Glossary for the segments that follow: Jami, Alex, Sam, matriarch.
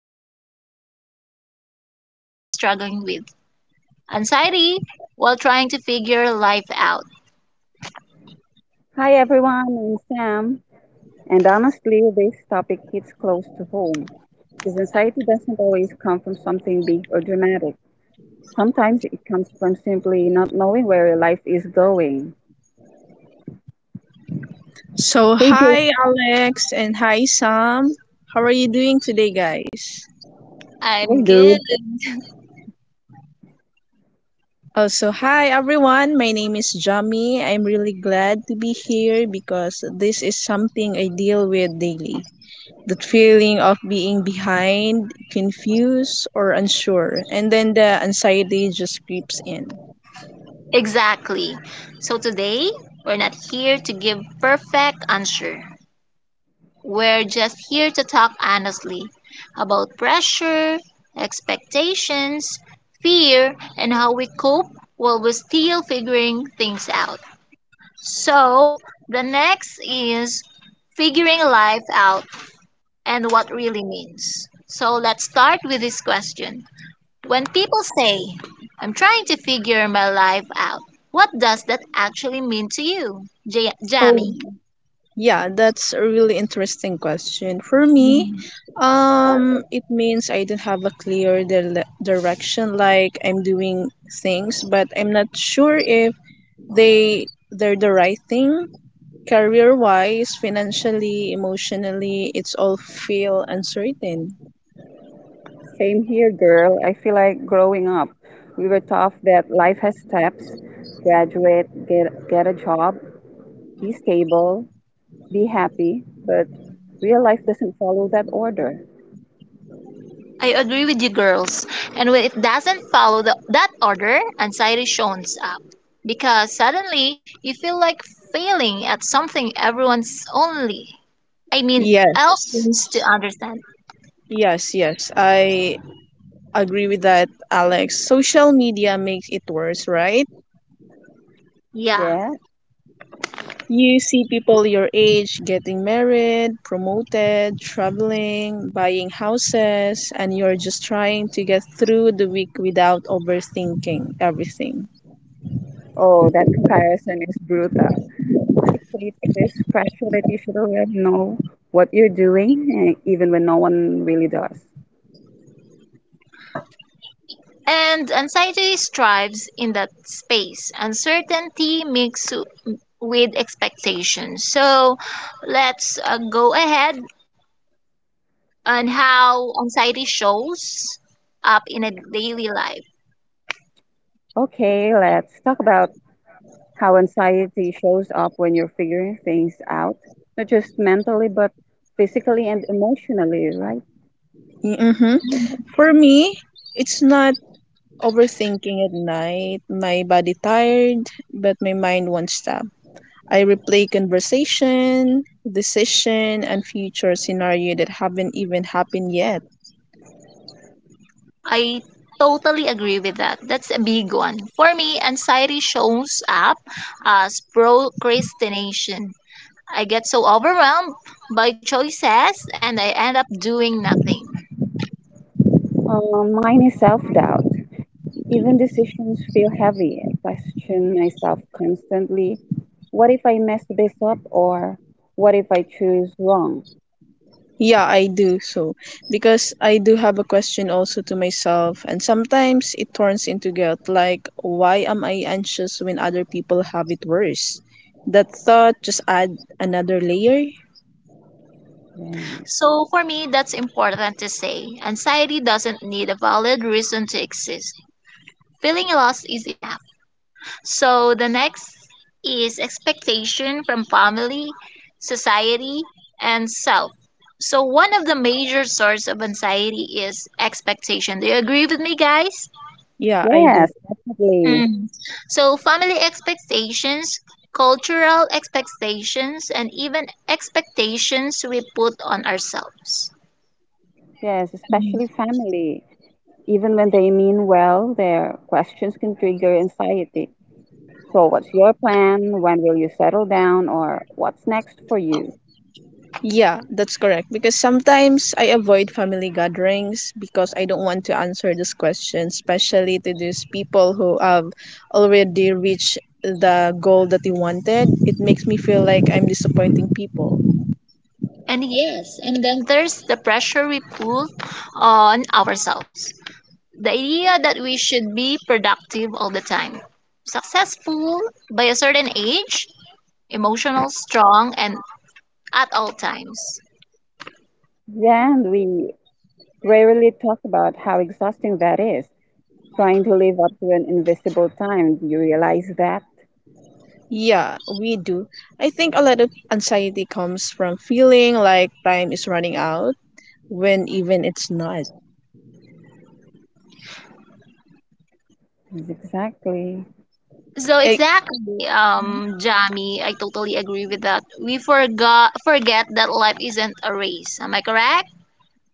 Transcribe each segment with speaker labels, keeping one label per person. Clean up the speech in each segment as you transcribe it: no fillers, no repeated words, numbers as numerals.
Speaker 1: about something that a lot of us quietly struggling with anxiety while trying to figure life out.
Speaker 2: Hi everyone, I'm Sam, and honestly, this topic hits close to home because anxiety doesn't always come from something big or dramatic. Sometimes it comes from simply not knowing where your life is going.
Speaker 3: So,
Speaker 2: Hey Jake,
Speaker 3: hi Alex and hi Sam. How are you doing today, guys?
Speaker 2: hey
Speaker 1: I'm good.
Speaker 2: dude.
Speaker 3: Also, hi everyone. My name is Jami. I'm really glad to be here because this is something I deal with daily. That feeling of being behind, confused, or unsure. And then the anxiety just creeps in.
Speaker 1: Exactly. So today, we're not here to give perfect answer. We're just here to talk honestly about pressure, expectations, fear, and how we cope while we're still figuring things out. So the next is figuring life out and what really means. So let's start with this question. When people say, I'm trying to figure my life out, what does that actually mean to you,
Speaker 3: Oh,
Speaker 1: Jamie?
Speaker 3: yeah, that's a really interesting question. For me, it means I don't have a clear direction. Like I'm doing things, but I'm not sure if they're the right thing. Career wise, financially, emotionally, it's all feel uncertain.
Speaker 2: Same here, girl. I feel like growing up, we were taught that life has steps: graduate, get a job, be stable, be happy. But real life doesn't follow that order.
Speaker 1: I agree with you girls. And when it doesn't follow that order, anxiety shows up. Because suddenly you feel like failing at something everyone's only, I mean, else
Speaker 3: Yes.
Speaker 1: seems to understand.
Speaker 3: Yes, yes, I agree with that, Alex. Social media makes it worse, right?
Speaker 1: Yeah.
Speaker 2: Yeah.
Speaker 3: You see people your age getting married, promoted, traveling, buying houses, and you're just trying to get through the week without overthinking everything.
Speaker 2: Oh, that comparison is brutal. It creates this pressure that you should already know what you're doing, even when no one really does.
Speaker 1: And anxiety strives in that space. Uncertainty mixed with expectation. So let's go ahead on how anxiety shows up in a daily life.
Speaker 2: Okay, let's talk about how anxiety shows up when you're figuring things out, not just mentally, but physically and emotionally, right?
Speaker 3: hmm For me, it's not overthinking at night. My body tired, but my mind won't stop. I replay conversation, decision, and future scenario that haven't even happened yet.
Speaker 1: I totally agree with that. That's a big one. For me, anxiety shows up as procrastination. I get so overwhelmed by choices and I end up doing nothing.
Speaker 2: Mine is self doubt. Even decisions feel heavy. I question myself constantly. What if I mess this up? Or what if I choose wrong?
Speaker 3: Yeah, I do so because I do have a question also to myself, and sometimes it turns into guilt like, why am I anxious when other people have it worse? That thought just add another layer.
Speaker 2: Yeah.
Speaker 1: So for me, that's important to say. Anxiety doesn't need a valid reason to exist. Feeling lost is enough. So the next is expectation from family, society, and self. So one of the major source of anxiety is expectation. Do you agree with me, guys?
Speaker 3: Yeah, I do.
Speaker 2: Yes, definitely.
Speaker 1: Mm. So family expectations, cultural expectations, and even expectations we put on ourselves.
Speaker 2: Yes,
Speaker 3: Mhm.
Speaker 2: especially family. Even when they mean well, their questions can trigger anxiety. So, what's your plan? When will you settle down? Or what's next for you?
Speaker 3: Yeah, that's correct. Because sometimes I avoid family gatherings because I don't want to answer this question, especially to these people who have already reached the goal that they wanted. It makes me feel like I'm disappointing people.
Speaker 1: And yes, and then there's the pressure we put on ourselves. The idea that we should be productive all the time, successful by a certain age, emotional, strong, and at all times.
Speaker 2: Yeah, and we rarely talk about how exhausting that is. Trying to live up to an invisible time. Do you realize that?
Speaker 3: Yeah, we do. I think a lot of anxiety comes from feeling like time is running out when even it's not.
Speaker 2: Exactly.
Speaker 1: So
Speaker 3: Eh,
Speaker 1: exactly, Jami, I totally agree with that. We forgot forget that life isn't a race. Am I correct?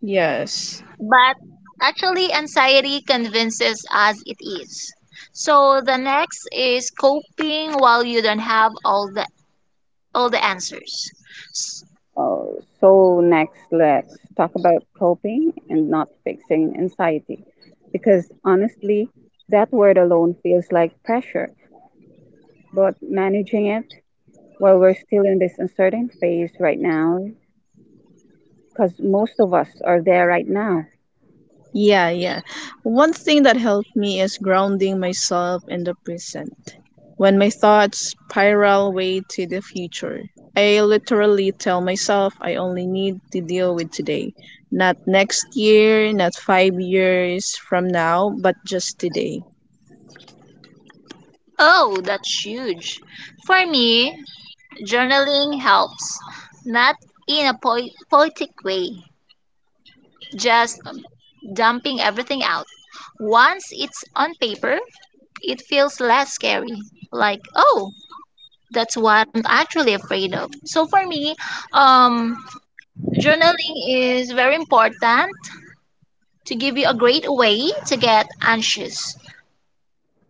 Speaker 3: yes.
Speaker 1: But actually anxiety convinces us it is. So the next is coping while you don't have all the answers. S-
Speaker 2: So next, let's talk about coping and not fixing anxiety, because honestly, that word alone feels like pressure. But managing it while we're still in this uncertain phase right now, because most of us are there right now.
Speaker 3: Yeah, yeah. One thing that helped me is grounding myself in the present. When my thoughts spiral way to the future, I literally tell myself I only need to deal with today. Not next year, not 5 years from now, but just today.
Speaker 1: oh, that's huge. For me, journaling helps, not in a poetic way, just dumping everything out. Once it's on paper, it feels less scary, like, oh, that's what I'm actually afraid of. So for me, um journaling is very important to give you a great way to get anxious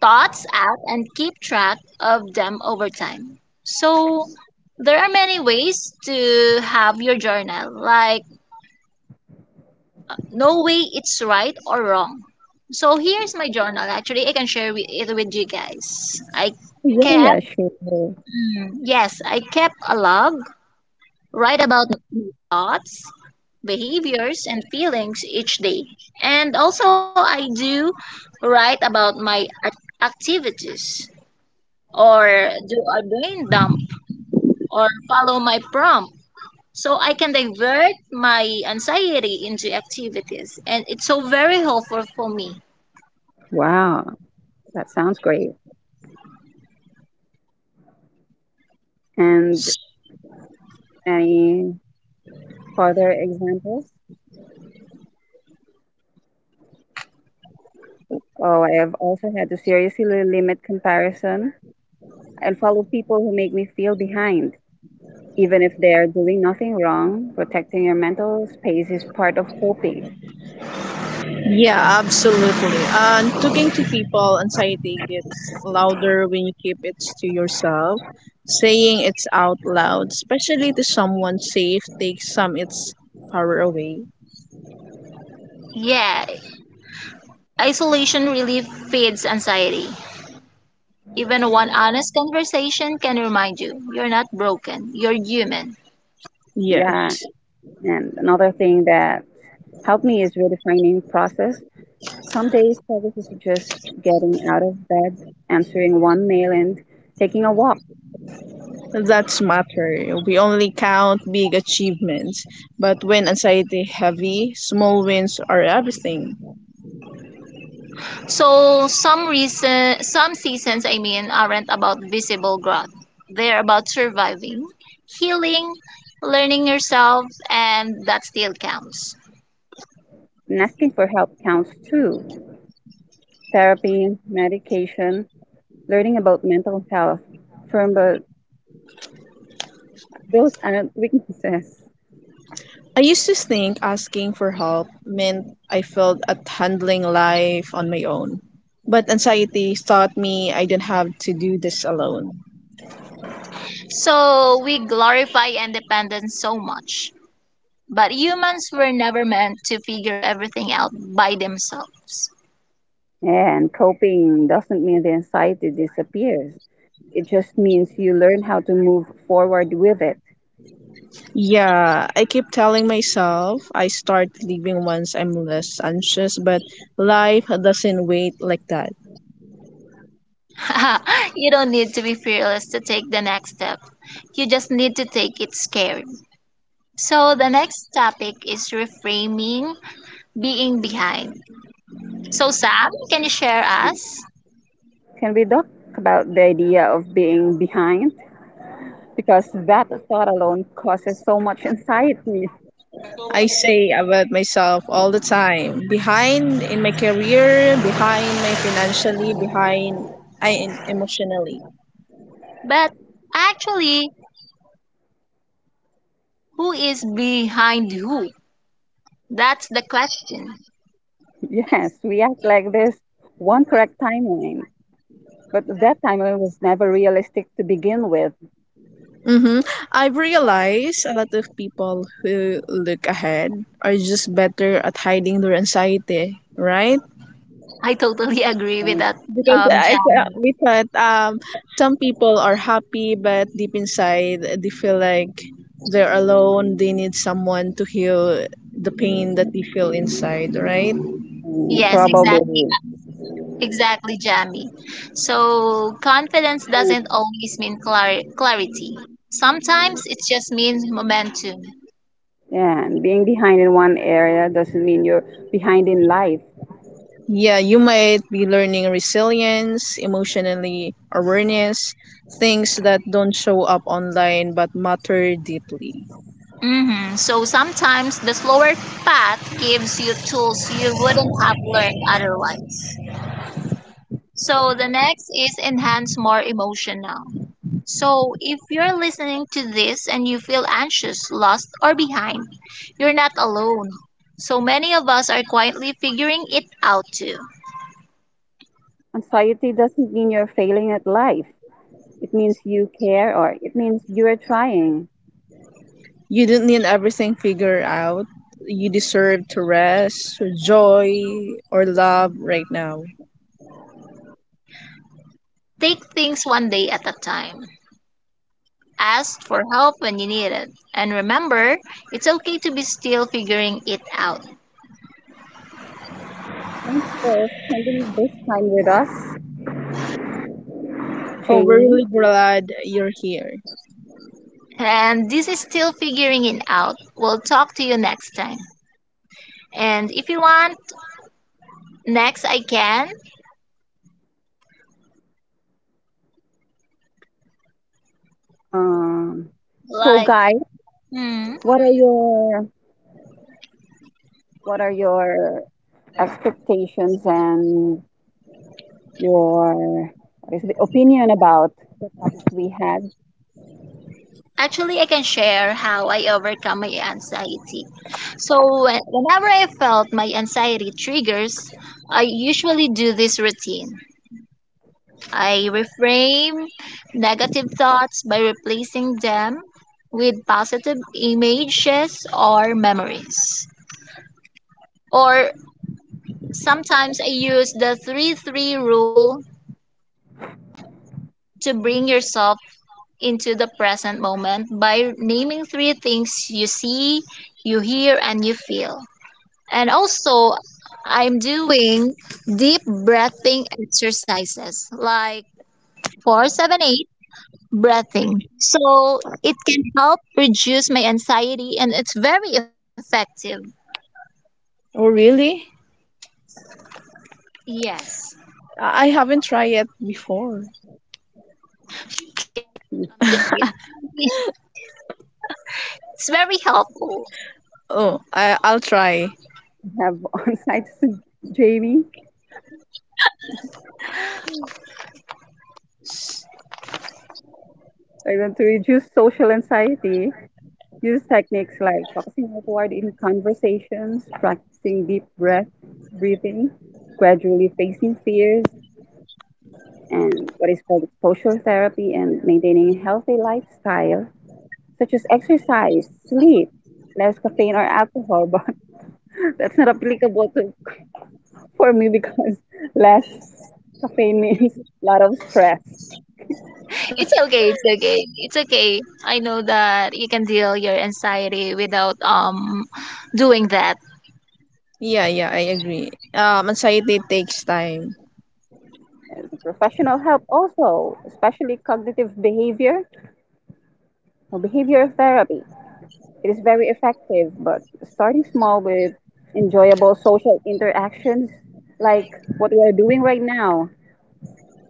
Speaker 1: thoughts out and keep track of them over time. So, there are many ways to have your journal, like no way it's right or wrong. So, here's my journal. Actually, I can share it with you guys. I
Speaker 2: Yeah,
Speaker 1: kept,
Speaker 2: yeah, sure.
Speaker 1: mm, yes, I kept a log. Write about thoughts, behaviors, and feelings each day. And also, I do write about my activities or do a brain dump or follow my prompt. So I can divert my anxiety into activities. And it's so very helpful for me.
Speaker 2: Wow, that sounds great. And any further examples? Oh, I have also had to seriously limit comparison and follow people who make me feel behind even if they're doing nothing wrong. Protecting your mental space is part of coping.
Speaker 3: Yeah, absolutely. And talking to people, anxiety gets louder when you keep it to yourself. Saying it's out loud, especially to someone safe, takes some its power away.
Speaker 1: Yeah, isolation really feeds anxiety. Even one honest conversation can remind you you're not broken, you're human.
Speaker 2: Yeah.
Speaker 3: Yes,
Speaker 2: And another thing that helped me is redefining process. Some days progress is just getting out of bed, answering one mail and taking a walk.
Speaker 3: that's matter. We only count big achievements, but when anxiety heavy, small wins are everything.
Speaker 1: So some reason, some seasons, I mean, aren't about visible growth. They're about surviving, healing, learning yourself, and that still counts.
Speaker 2: And asking for help counts too. Therapy, medication, learning about mental health. From but those aren't weaknesses.
Speaker 3: I used to think asking for help meant I failed at handling life on my own. But anxiety taught me I didn't have to do this alone.
Speaker 1: So we glorify independence so much, but humans were never meant to figure everything out by themselves.
Speaker 2: Yeah, and coping doesn't mean the anxiety disappears. It just means you learn how to move forward with it.
Speaker 3: Yeah, I keep telling myself I start living once I'm less anxious, but life doesn't wait like that.
Speaker 1: You don't need to be fearless to take the next step. You just need to take it scared. So the next topic is reframing being behind. So, Sam, can you share us?
Speaker 2: Can we talk about the idea of being behind? Because that thought alone causes so much anxiety.
Speaker 3: I say about myself all the time behind in my career, behind my financially, behind I, emotionally.
Speaker 1: But actually, who is behind who? That's the question.
Speaker 2: Yes, we act like there's one correct timeline, but that timeline was never realistic to begin with.
Speaker 3: Mm-hmm. I've realized a lot of people who look ahead are just better at hiding their anxiety, right?
Speaker 1: I totally agree with that,
Speaker 3: Because
Speaker 1: Jamie.
Speaker 3: we thought some people are happy, but deep inside they feel like they're alone. They need someone to heal the pain that they feel inside, right?
Speaker 2: Mm,
Speaker 1: Yes, exactly,
Speaker 2: probably.
Speaker 1: exactly, Jamie. So, confidence doesn't always mean clarity. Sometimes it just means momentum.
Speaker 2: Yeah, and being behind in one area doesn't mean you're behind in life.
Speaker 3: Yeah, you might be learning resilience, emotionally awareness, things that don't show up online but matter deeply.
Speaker 1: Hmm So sometimes the slower path gives you tools you wouldn't have learned otherwise. So the next is enhance more emotional. So if you're listening to this and you feel anxious, lost, or behind, you're not alone. So many of us are quietly figuring it out too.
Speaker 2: Anxiety doesn't mean you're failing at life. It means you care or it means you're trying.
Speaker 3: You didn't need everything figured out. You deserve to rest, joy, or love right now.
Speaker 1: Take things one day at a time. Ask for help when you need it. And remember, it's okay to be still figuring it out.
Speaker 2: Thanks for spending this time with us,
Speaker 3: Oh, we're
Speaker 2: Jamie.
Speaker 3: really glad you're here.
Speaker 1: And this is still figuring it out. We'll talk to you next time. And if you want, next I can.
Speaker 2: Um, so,
Speaker 1: Like,
Speaker 2: Guy,
Speaker 1: hmm.
Speaker 2: what are your what are your expectations and your what is the opinion about the topic
Speaker 1: Actually, I can share how I overcome my anxiety. So, whenever I felt my anxiety triggers, I usually do this routine. I reframe negative thoughts by replacing them with positive images or memories. Or sometimes I use the 3-3 rule to bring yourself into the present moment by naming three things you see, you hear, and you feel. And also, I'm doing deep breathing exercises like 478 breathing. So it can help reduce my anxiety and it's very effective.
Speaker 3: Oh, really?
Speaker 1: Yes.
Speaker 3: I haven't tried it before.
Speaker 1: I'm doing
Speaker 2: we
Speaker 1: it. It's very helpful.
Speaker 3: Oh, I'll try.
Speaker 2: have on site, Jamie?
Speaker 3: S-
Speaker 2: I want to reduce social anxiety. Use techniques like focusing outward in conversations, practicing deep breath breathing, gradually facing fears, and what is called exposure therapy and maintaining a healthy lifestyle, such as exercise, sleep, less caffeine or alcohol. But that's not applicable to for me because less caffeine means a lot of stress.
Speaker 1: It's okay. It's okay. It's okay. I know that you can deal your anxiety without doing that.
Speaker 3: Yeah, yeah, I agree. Anxiety takes time.
Speaker 2: And professional help also, especially cognitive behavior or behavior therapy. It is very effective, but starting small with enjoyable social interactions like what we are doing right now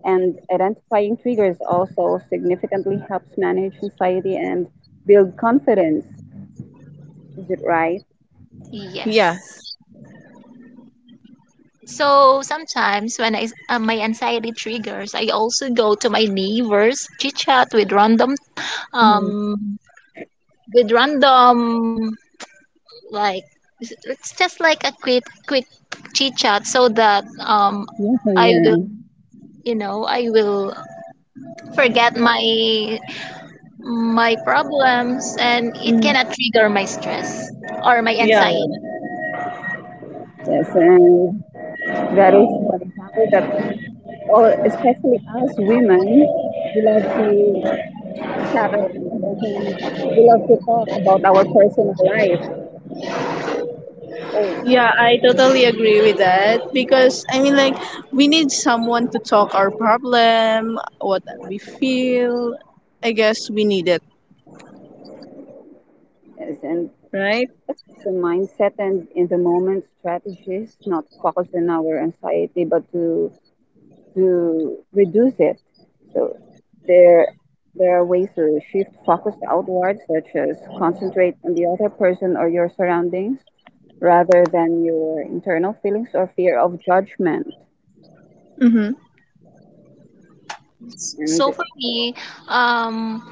Speaker 2: and identifying triggers also significantly helps manage anxiety and build confidence. Is it right?
Speaker 3: Yeah.
Speaker 1: Yes. So sometimes when I my anxiety triggers, I also go to my neighbors, chit chat with random,
Speaker 3: Mm-hmm.
Speaker 1: um, with random, like it's just like a quick chit chat, so that
Speaker 2: Yes,
Speaker 1: I will,
Speaker 2: yes,
Speaker 1: you know, I will forget my problems and it
Speaker 3: Mm-hmm.
Speaker 1: cannot trigger my stress or my
Speaker 3: Yeah.
Speaker 1: anxiety.
Speaker 2: yes. And that is one example that, all, especially as women, we love to chat around and we love to talk about our personal life. Oh,
Speaker 3: Yeah, I totally agree with that because I mean like we need someone to talk our problem, what we feel. I guess we need it,
Speaker 2: yes. And
Speaker 3: right?
Speaker 2: that's the mindset and in the moment strategies, not focus on our anxiety, but to reduce it. So there, there are ways to shift focus outward, such as concentrate on the other person or your surroundings rather than your internal feelings or fear of judgment.
Speaker 3: Mhm.
Speaker 2: And
Speaker 1: So for me, um,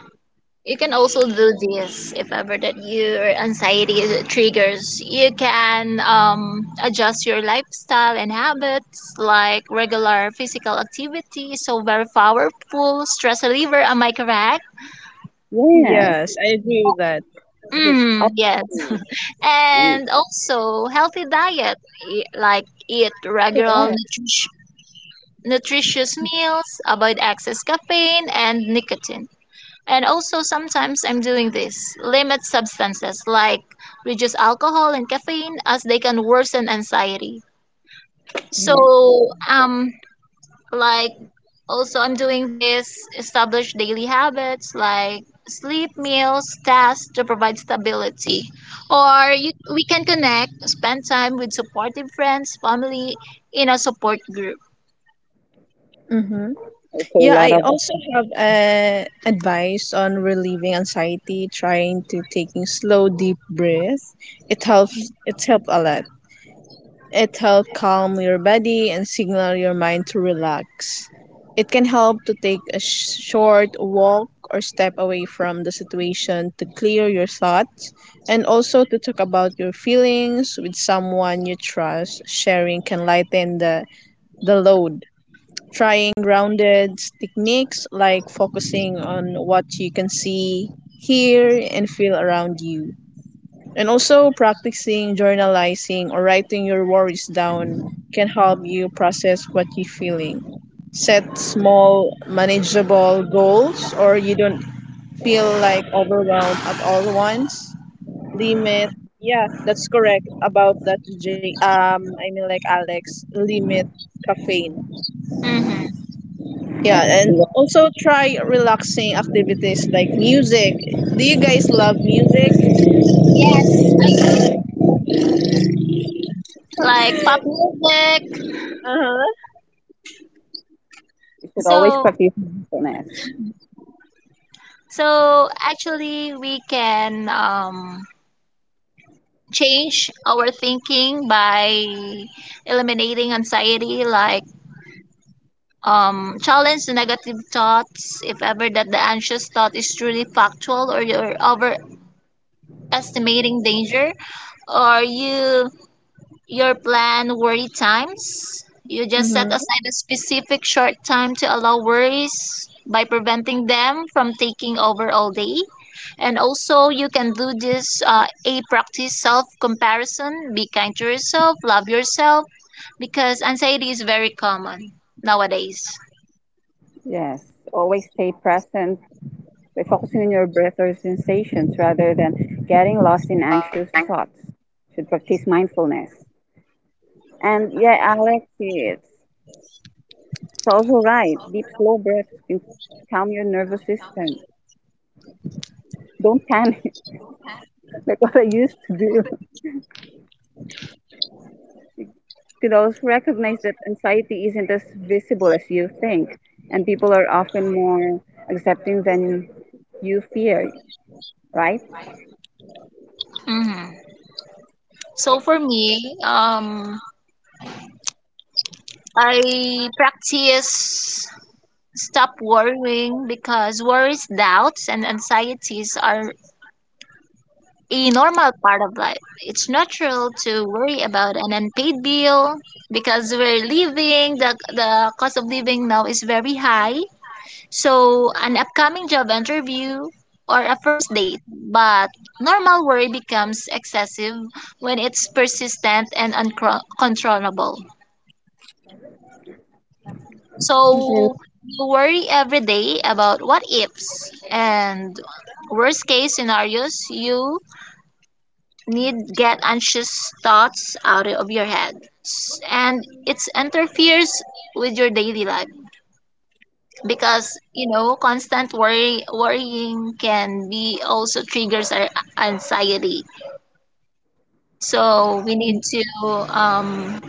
Speaker 1: you can also do this if ever that your triggers. You can adjust your lifestyle and habits like regular physical activity. So very powerful stress reliever. Am I correct?
Speaker 3: Yes,
Speaker 2: yes,
Speaker 3: I agree with that.
Speaker 2: it's
Speaker 1: Mm,
Speaker 2: up
Speaker 1: yes.
Speaker 2: to you.
Speaker 1: And also healthy diet, like eat regular nutritious meals, avoid excess caffeine and nicotine. And also sometimes I'm doing this. Limit substances like reduce alcohol and caffeine as they can worsen anxiety. So
Speaker 2: Yes,
Speaker 1: um like also I'm doing this, establish daily habits like sleep, meals, tasks to provide stability. Or you, we can connect, spend time with supportive friends, family in a support group.
Speaker 3: Mhm.
Speaker 2: also a
Speaker 3: Yeah,
Speaker 2: lot
Speaker 3: I
Speaker 2: of
Speaker 3: also have advice on relieving anxiety, trying to taking slow deep breath. It's helped a lot. It helps calm your body and signal your mind to relax. It can help to take a short walk or step away from the situation to clear your thoughts and also to talk about your feelings with someone you trust. Sharing can lighten the load. Trying grounded techniques like focusing on what you can see, hear, and feel around you and also, practicing journalizing or writing your worries down can help you process what you're feeling. Set small, manageable goals, or you don't feel like overwhelmed at all once. Limit, yeah, that's correct about that. I mean, like Alex, limit caffeine.
Speaker 1: Hmm
Speaker 3: Yeah,
Speaker 2: yes.
Speaker 3: and
Speaker 2: You
Speaker 3: also try relaxing activities like music. Do you guys love music?
Speaker 1: Yes, like pop music.
Speaker 3: Uh huh.
Speaker 2: should always
Speaker 1: So
Speaker 2: practice mindfulness.
Speaker 1: so actually, we can change our thinking by eliminating anxiety, like challenge the negative thoughts. If ever that the anxious thought is truly factual, or you're overestimating danger, or your plan worry times. You just set
Speaker 3: Mm-hmm.
Speaker 1: aside a specific short time to allow worries by preventing them from taking over all day. And also, you can do this a practice self comparison. Be kind to yourself, love yourself, because anxiety is very common nowadays.
Speaker 2: Yes, always stay present by focusing on your breath or sensations rather than getting lost in anxious thoughts. Should practice mindfulness. And yeah, Alex, it's also right. Deep, slow breaths can calm your nervous system. Don't panic like what I used to do. Could also recognize that anxiety isn't as visible as you think, and people are often more accepting than you fear, right?
Speaker 1: Hmm So for me, I practice stop worrying because worries, doubts, and anxieties are a normal part of life. It's natural to worry about an unpaid bill because we're living, the cost of living now is very high. So an upcoming job interview or a first date, but normal worry becomes excessive when it's persistent and uncontrollable.
Speaker 2: Isn't
Speaker 1: So you worry every day about what ifs and worst case scenarios. You need get anxious thoughts out of your head and it interferes with your daily life, because you know constant worrying can be also triggers our anxiety. So we need to, um,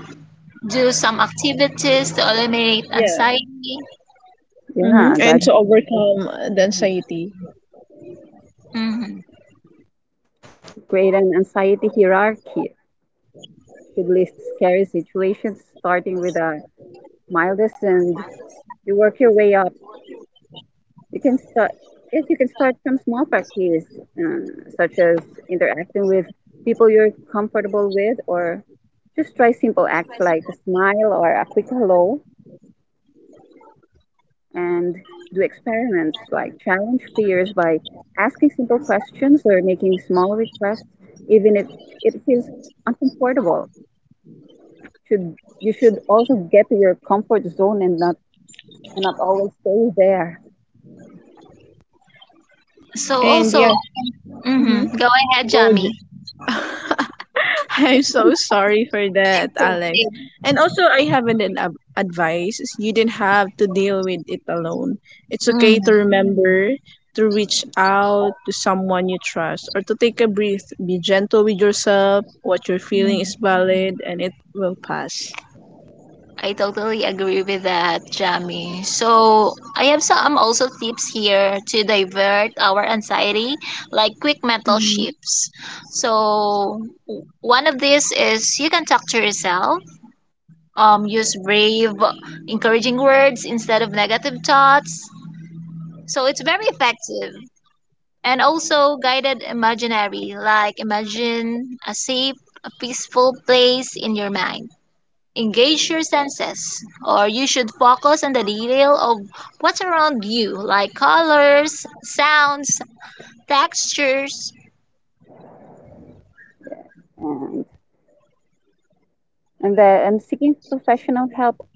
Speaker 1: do some activities to eliminate
Speaker 3: Yeah.
Speaker 1: anxiety.
Speaker 3: hmm
Speaker 2: yeah,
Speaker 3: And to
Speaker 2: gradually
Speaker 3: overcome the anxiety.
Speaker 1: Hmm
Speaker 2: create an anxiety hierarchy should list scary situations, starting with the mildest, and you work your way up. You can start. Yes, you can start from small practice, um, such as interacting with people you're comfortable with, or just try simple acts like a smile or a quick hello, and do experiments like challenge fears by asking simple questions or making small requests, even if it feels uncomfortable. Should you should also get to your comfort zone and not and I've always stayed there.
Speaker 1: so
Speaker 3: And
Speaker 1: also,
Speaker 3: yeah,
Speaker 1: hmm
Speaker 3: hmm
Speaker 1: go ahead,
Speaker 3: go.
Speaker 1: Jami.
Speaker 3: I'm so sorry for that, Alex. And also, I have an advice. Is You didn't have to deal with it alone. It's
Speaker 1: Hmm
Speaker 3: okay to remember to reach out to someone you trust or to take a breath. Be gentle with yourself. What you're feeling is valid and it will pass.
Speaker 1: I totally agree with that, Jamie. So I have some also tips here to divert our anxiety, like quick mental
Speaker 3: Mhm.
Speaker 1: shifts. So one of these is you can talk to yourself. Use brave, encouraging words instead of negative thoughts. So it's very effective. And also guided imaginary, like imagine a safe, a peaceful place in your mind. Engage your senses, or you should focus on the detail of what's around you, like colors, sounds, textures.
Speaker 2: And and the and seeking professional help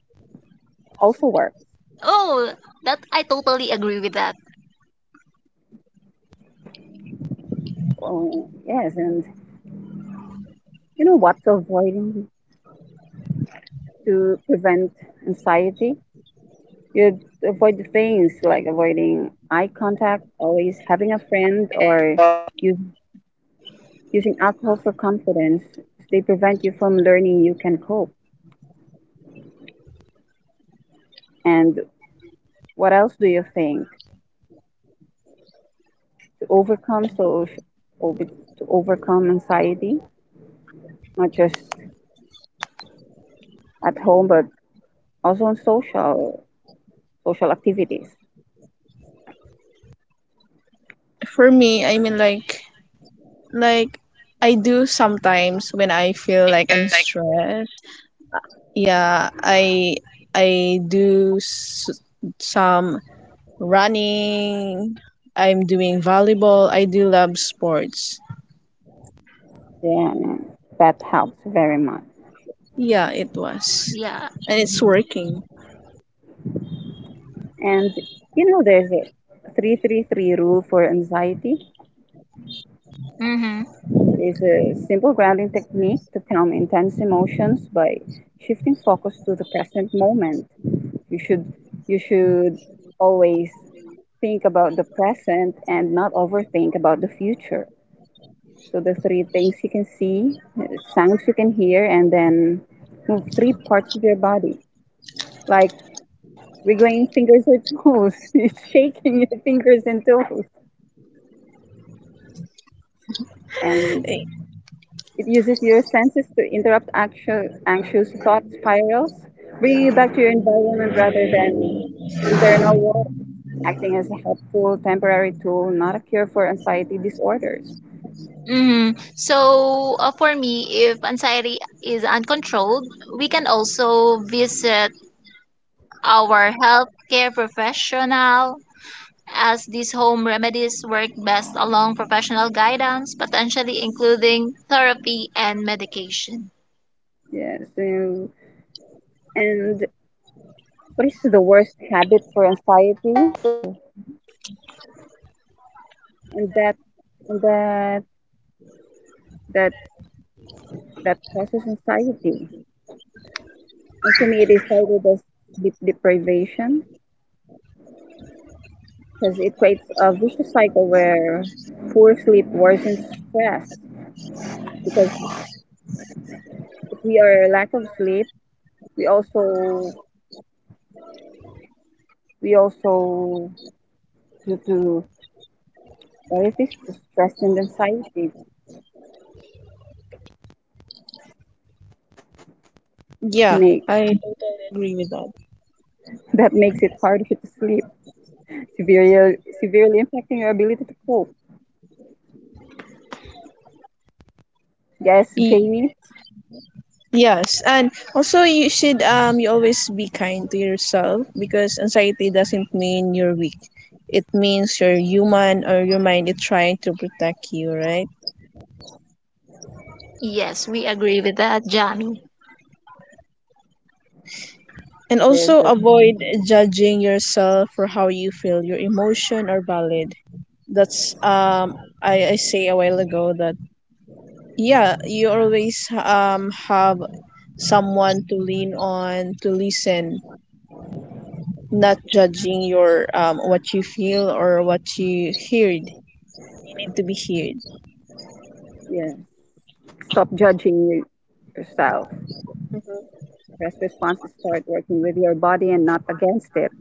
Speaker 2: also works.
Speaker 1: Oh, that I totally agree with that.
Speaker 2: Oh, yes, and you know what? To avoiding to prevent anxiety. You avoid the things like avoiding eye contact, always having a friend, or you using alcohol for confidence. They prevent you from learning you can cope. And what else do you think to overcome so over, to overcome anxiety, not just at home but also on social activities
Speaker 3: For me, Like I do sometimes when I
Speaker 1: Like,
Speaker 3: feel like I'm stressed. Yeah, I do s- some running. I'm doing volleyball. I do love sports.
Speaker 2: then that helps very much.
Speaker 1: yeah.
Speaker 3: Yeah, it was. And it's working.
Speaker 2: And you know there's a 333 rule for anxiety.
Speaker 1: Mm-hmm.
Speaker 2: It is a simple grounding technique to calm intense emotions by shifting focus to the present moment. You should you should always think about the present and not overthink about the future. So the three things you can see, sounds you can hear, and then move three parts of your body like wiggling fingers or toes. It's shaking your fingers and toes. And
Speaker 3: Eh,
Speaker 2: it uses your senses to interrupt anxious thought spirals, bringing you back to your environment rather than internal walls, acting as a helpful temporary tool, not a cure for anxiety disorders.
Speaker 1: Mm-hmm. So for me, if anxiety is uncontrolled, we can also visit our healthcare professional, as these home remedies work best along professional guidance, potentially including therapy and medication.
Speaker 2: Yes. So and what is the worst habit for anxiety? And that, that, that causes anxiety. And for me, it is cited as sleep deprivation because it creates a vicious cycle where poor sleep worsens stress. Because if we are lack of sleep, we also we also due to anxiety, to stress and anxiety
Speaker 3: Yeah,
Speaker 2: make
Speaker 3: I totally agree with that.
Speaker 2: that makes it harder to sleep, severely impacting your ability to cope. Yes, Jamie,
Speaker 3: Yes, and also you should you always be kind to yourself because anxiety doesn't mean you're weak. It means you're human or your mind is trying to protect you, right?
Speaker 1: Yes, we agree with that, Jamie.
Speaker 3: And
Speaker 2: there's
Speaker 3: also
Speaker 2: a
Speaker 3: avoid judging yourself for how you feel. Your emotion are valid. That's I say a while ago that yeah, you always have someone to lean on, to listen not judging your what you feel or what you heard. You need to be heard.
Speaker 2: yes. Stop judging yourself. Stress response is start working with your body and not against it.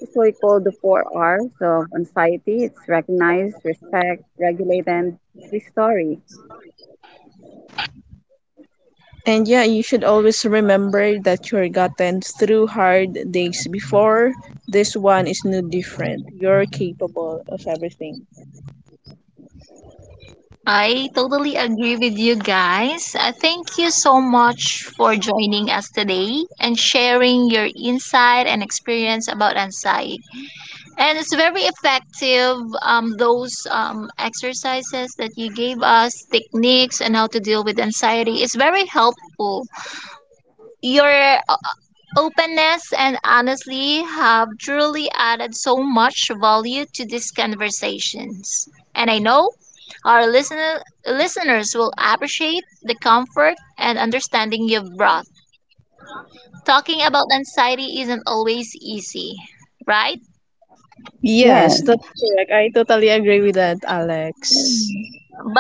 Speaker 2: This is what we call the four R's of anxiety. It's recognize, respect, regulate, and restory.
Speaker 3: And yeah, you should always remember that you're gotten through hard days before. This one is no different. You're capable of everything.
Speaker 1: I totally agree with you guys. I thank you so much for joining us today and sharing your insight and experience about anxiety. And it's very effective, those exercises that you gave us, techniques, and how to deal with anxiety is very helpful. Your openness and honestly have truly added so much value to these conversations. And I know our listener, listeners will appreciate the comfort and understanding you've brought. Talking about anxiety isn't always easy, right?
Speaker 3: Yes,
Speaker 2: Yes.
Speaker 3: that's correct. I totally agree with that, Alex.
Speaker 1: Mm.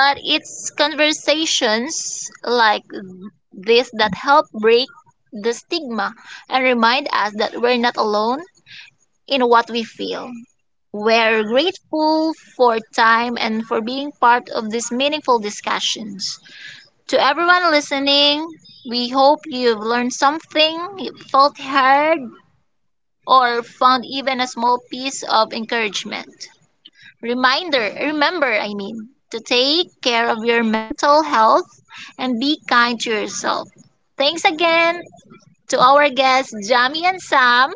Speaker 1: But it's conversations like this that help break the stigma and remind us that we're not alone in what we feel. We're grateful for time and for being part of these meaningful discussions. To everyone listening, we hope you've learned something, you felt heard, or found even a small piece of encouragement. Remember, I mean, to take care of your mental health and be kind to yourself. Thanks again to our guests, Jamie and Sam.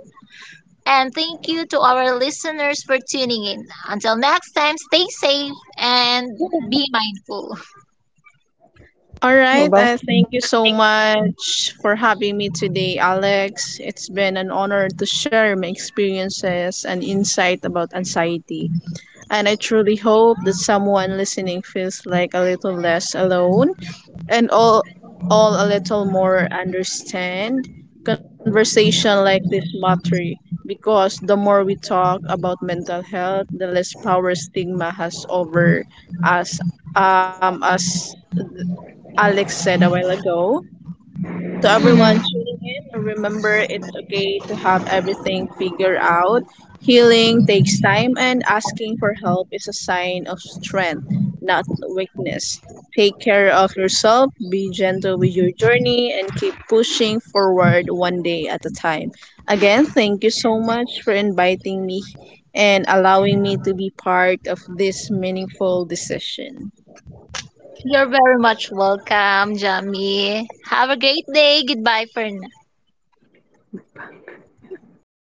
Speaker 1: And thank you to our listeners for tuning in. Until next time, stay safe and
Speaker 2: Yeah.
Speaker 1: be mindful.
Speaker 3: All right,
Speaker 2: Well,
Speaker 3: I thank you so much for having me today, Alex. It's been an honor to share my experiences and insight about anxiety. And I truly hope that someone listening feels like a little less alone and all a little more understand. Conversation like this matter because the more we talk about mental health, the less power stigma has over us. As Alex said a while ago,
Speaker 1: Mhm.
Speaker 3: to everyone tuning in, remember it's okay to have everything figured out. Healing takes time, and asking for help is a sign of strength, not weakness. Take care of yourself, be gentle with your journey, and keep pushing forward one day at a time. Again, thank you so much for inviting me and allowing me to be part of this meaningful decision.
Speaker 1: You're very much welcome, Jamie. Have a great day. Goodbye for now.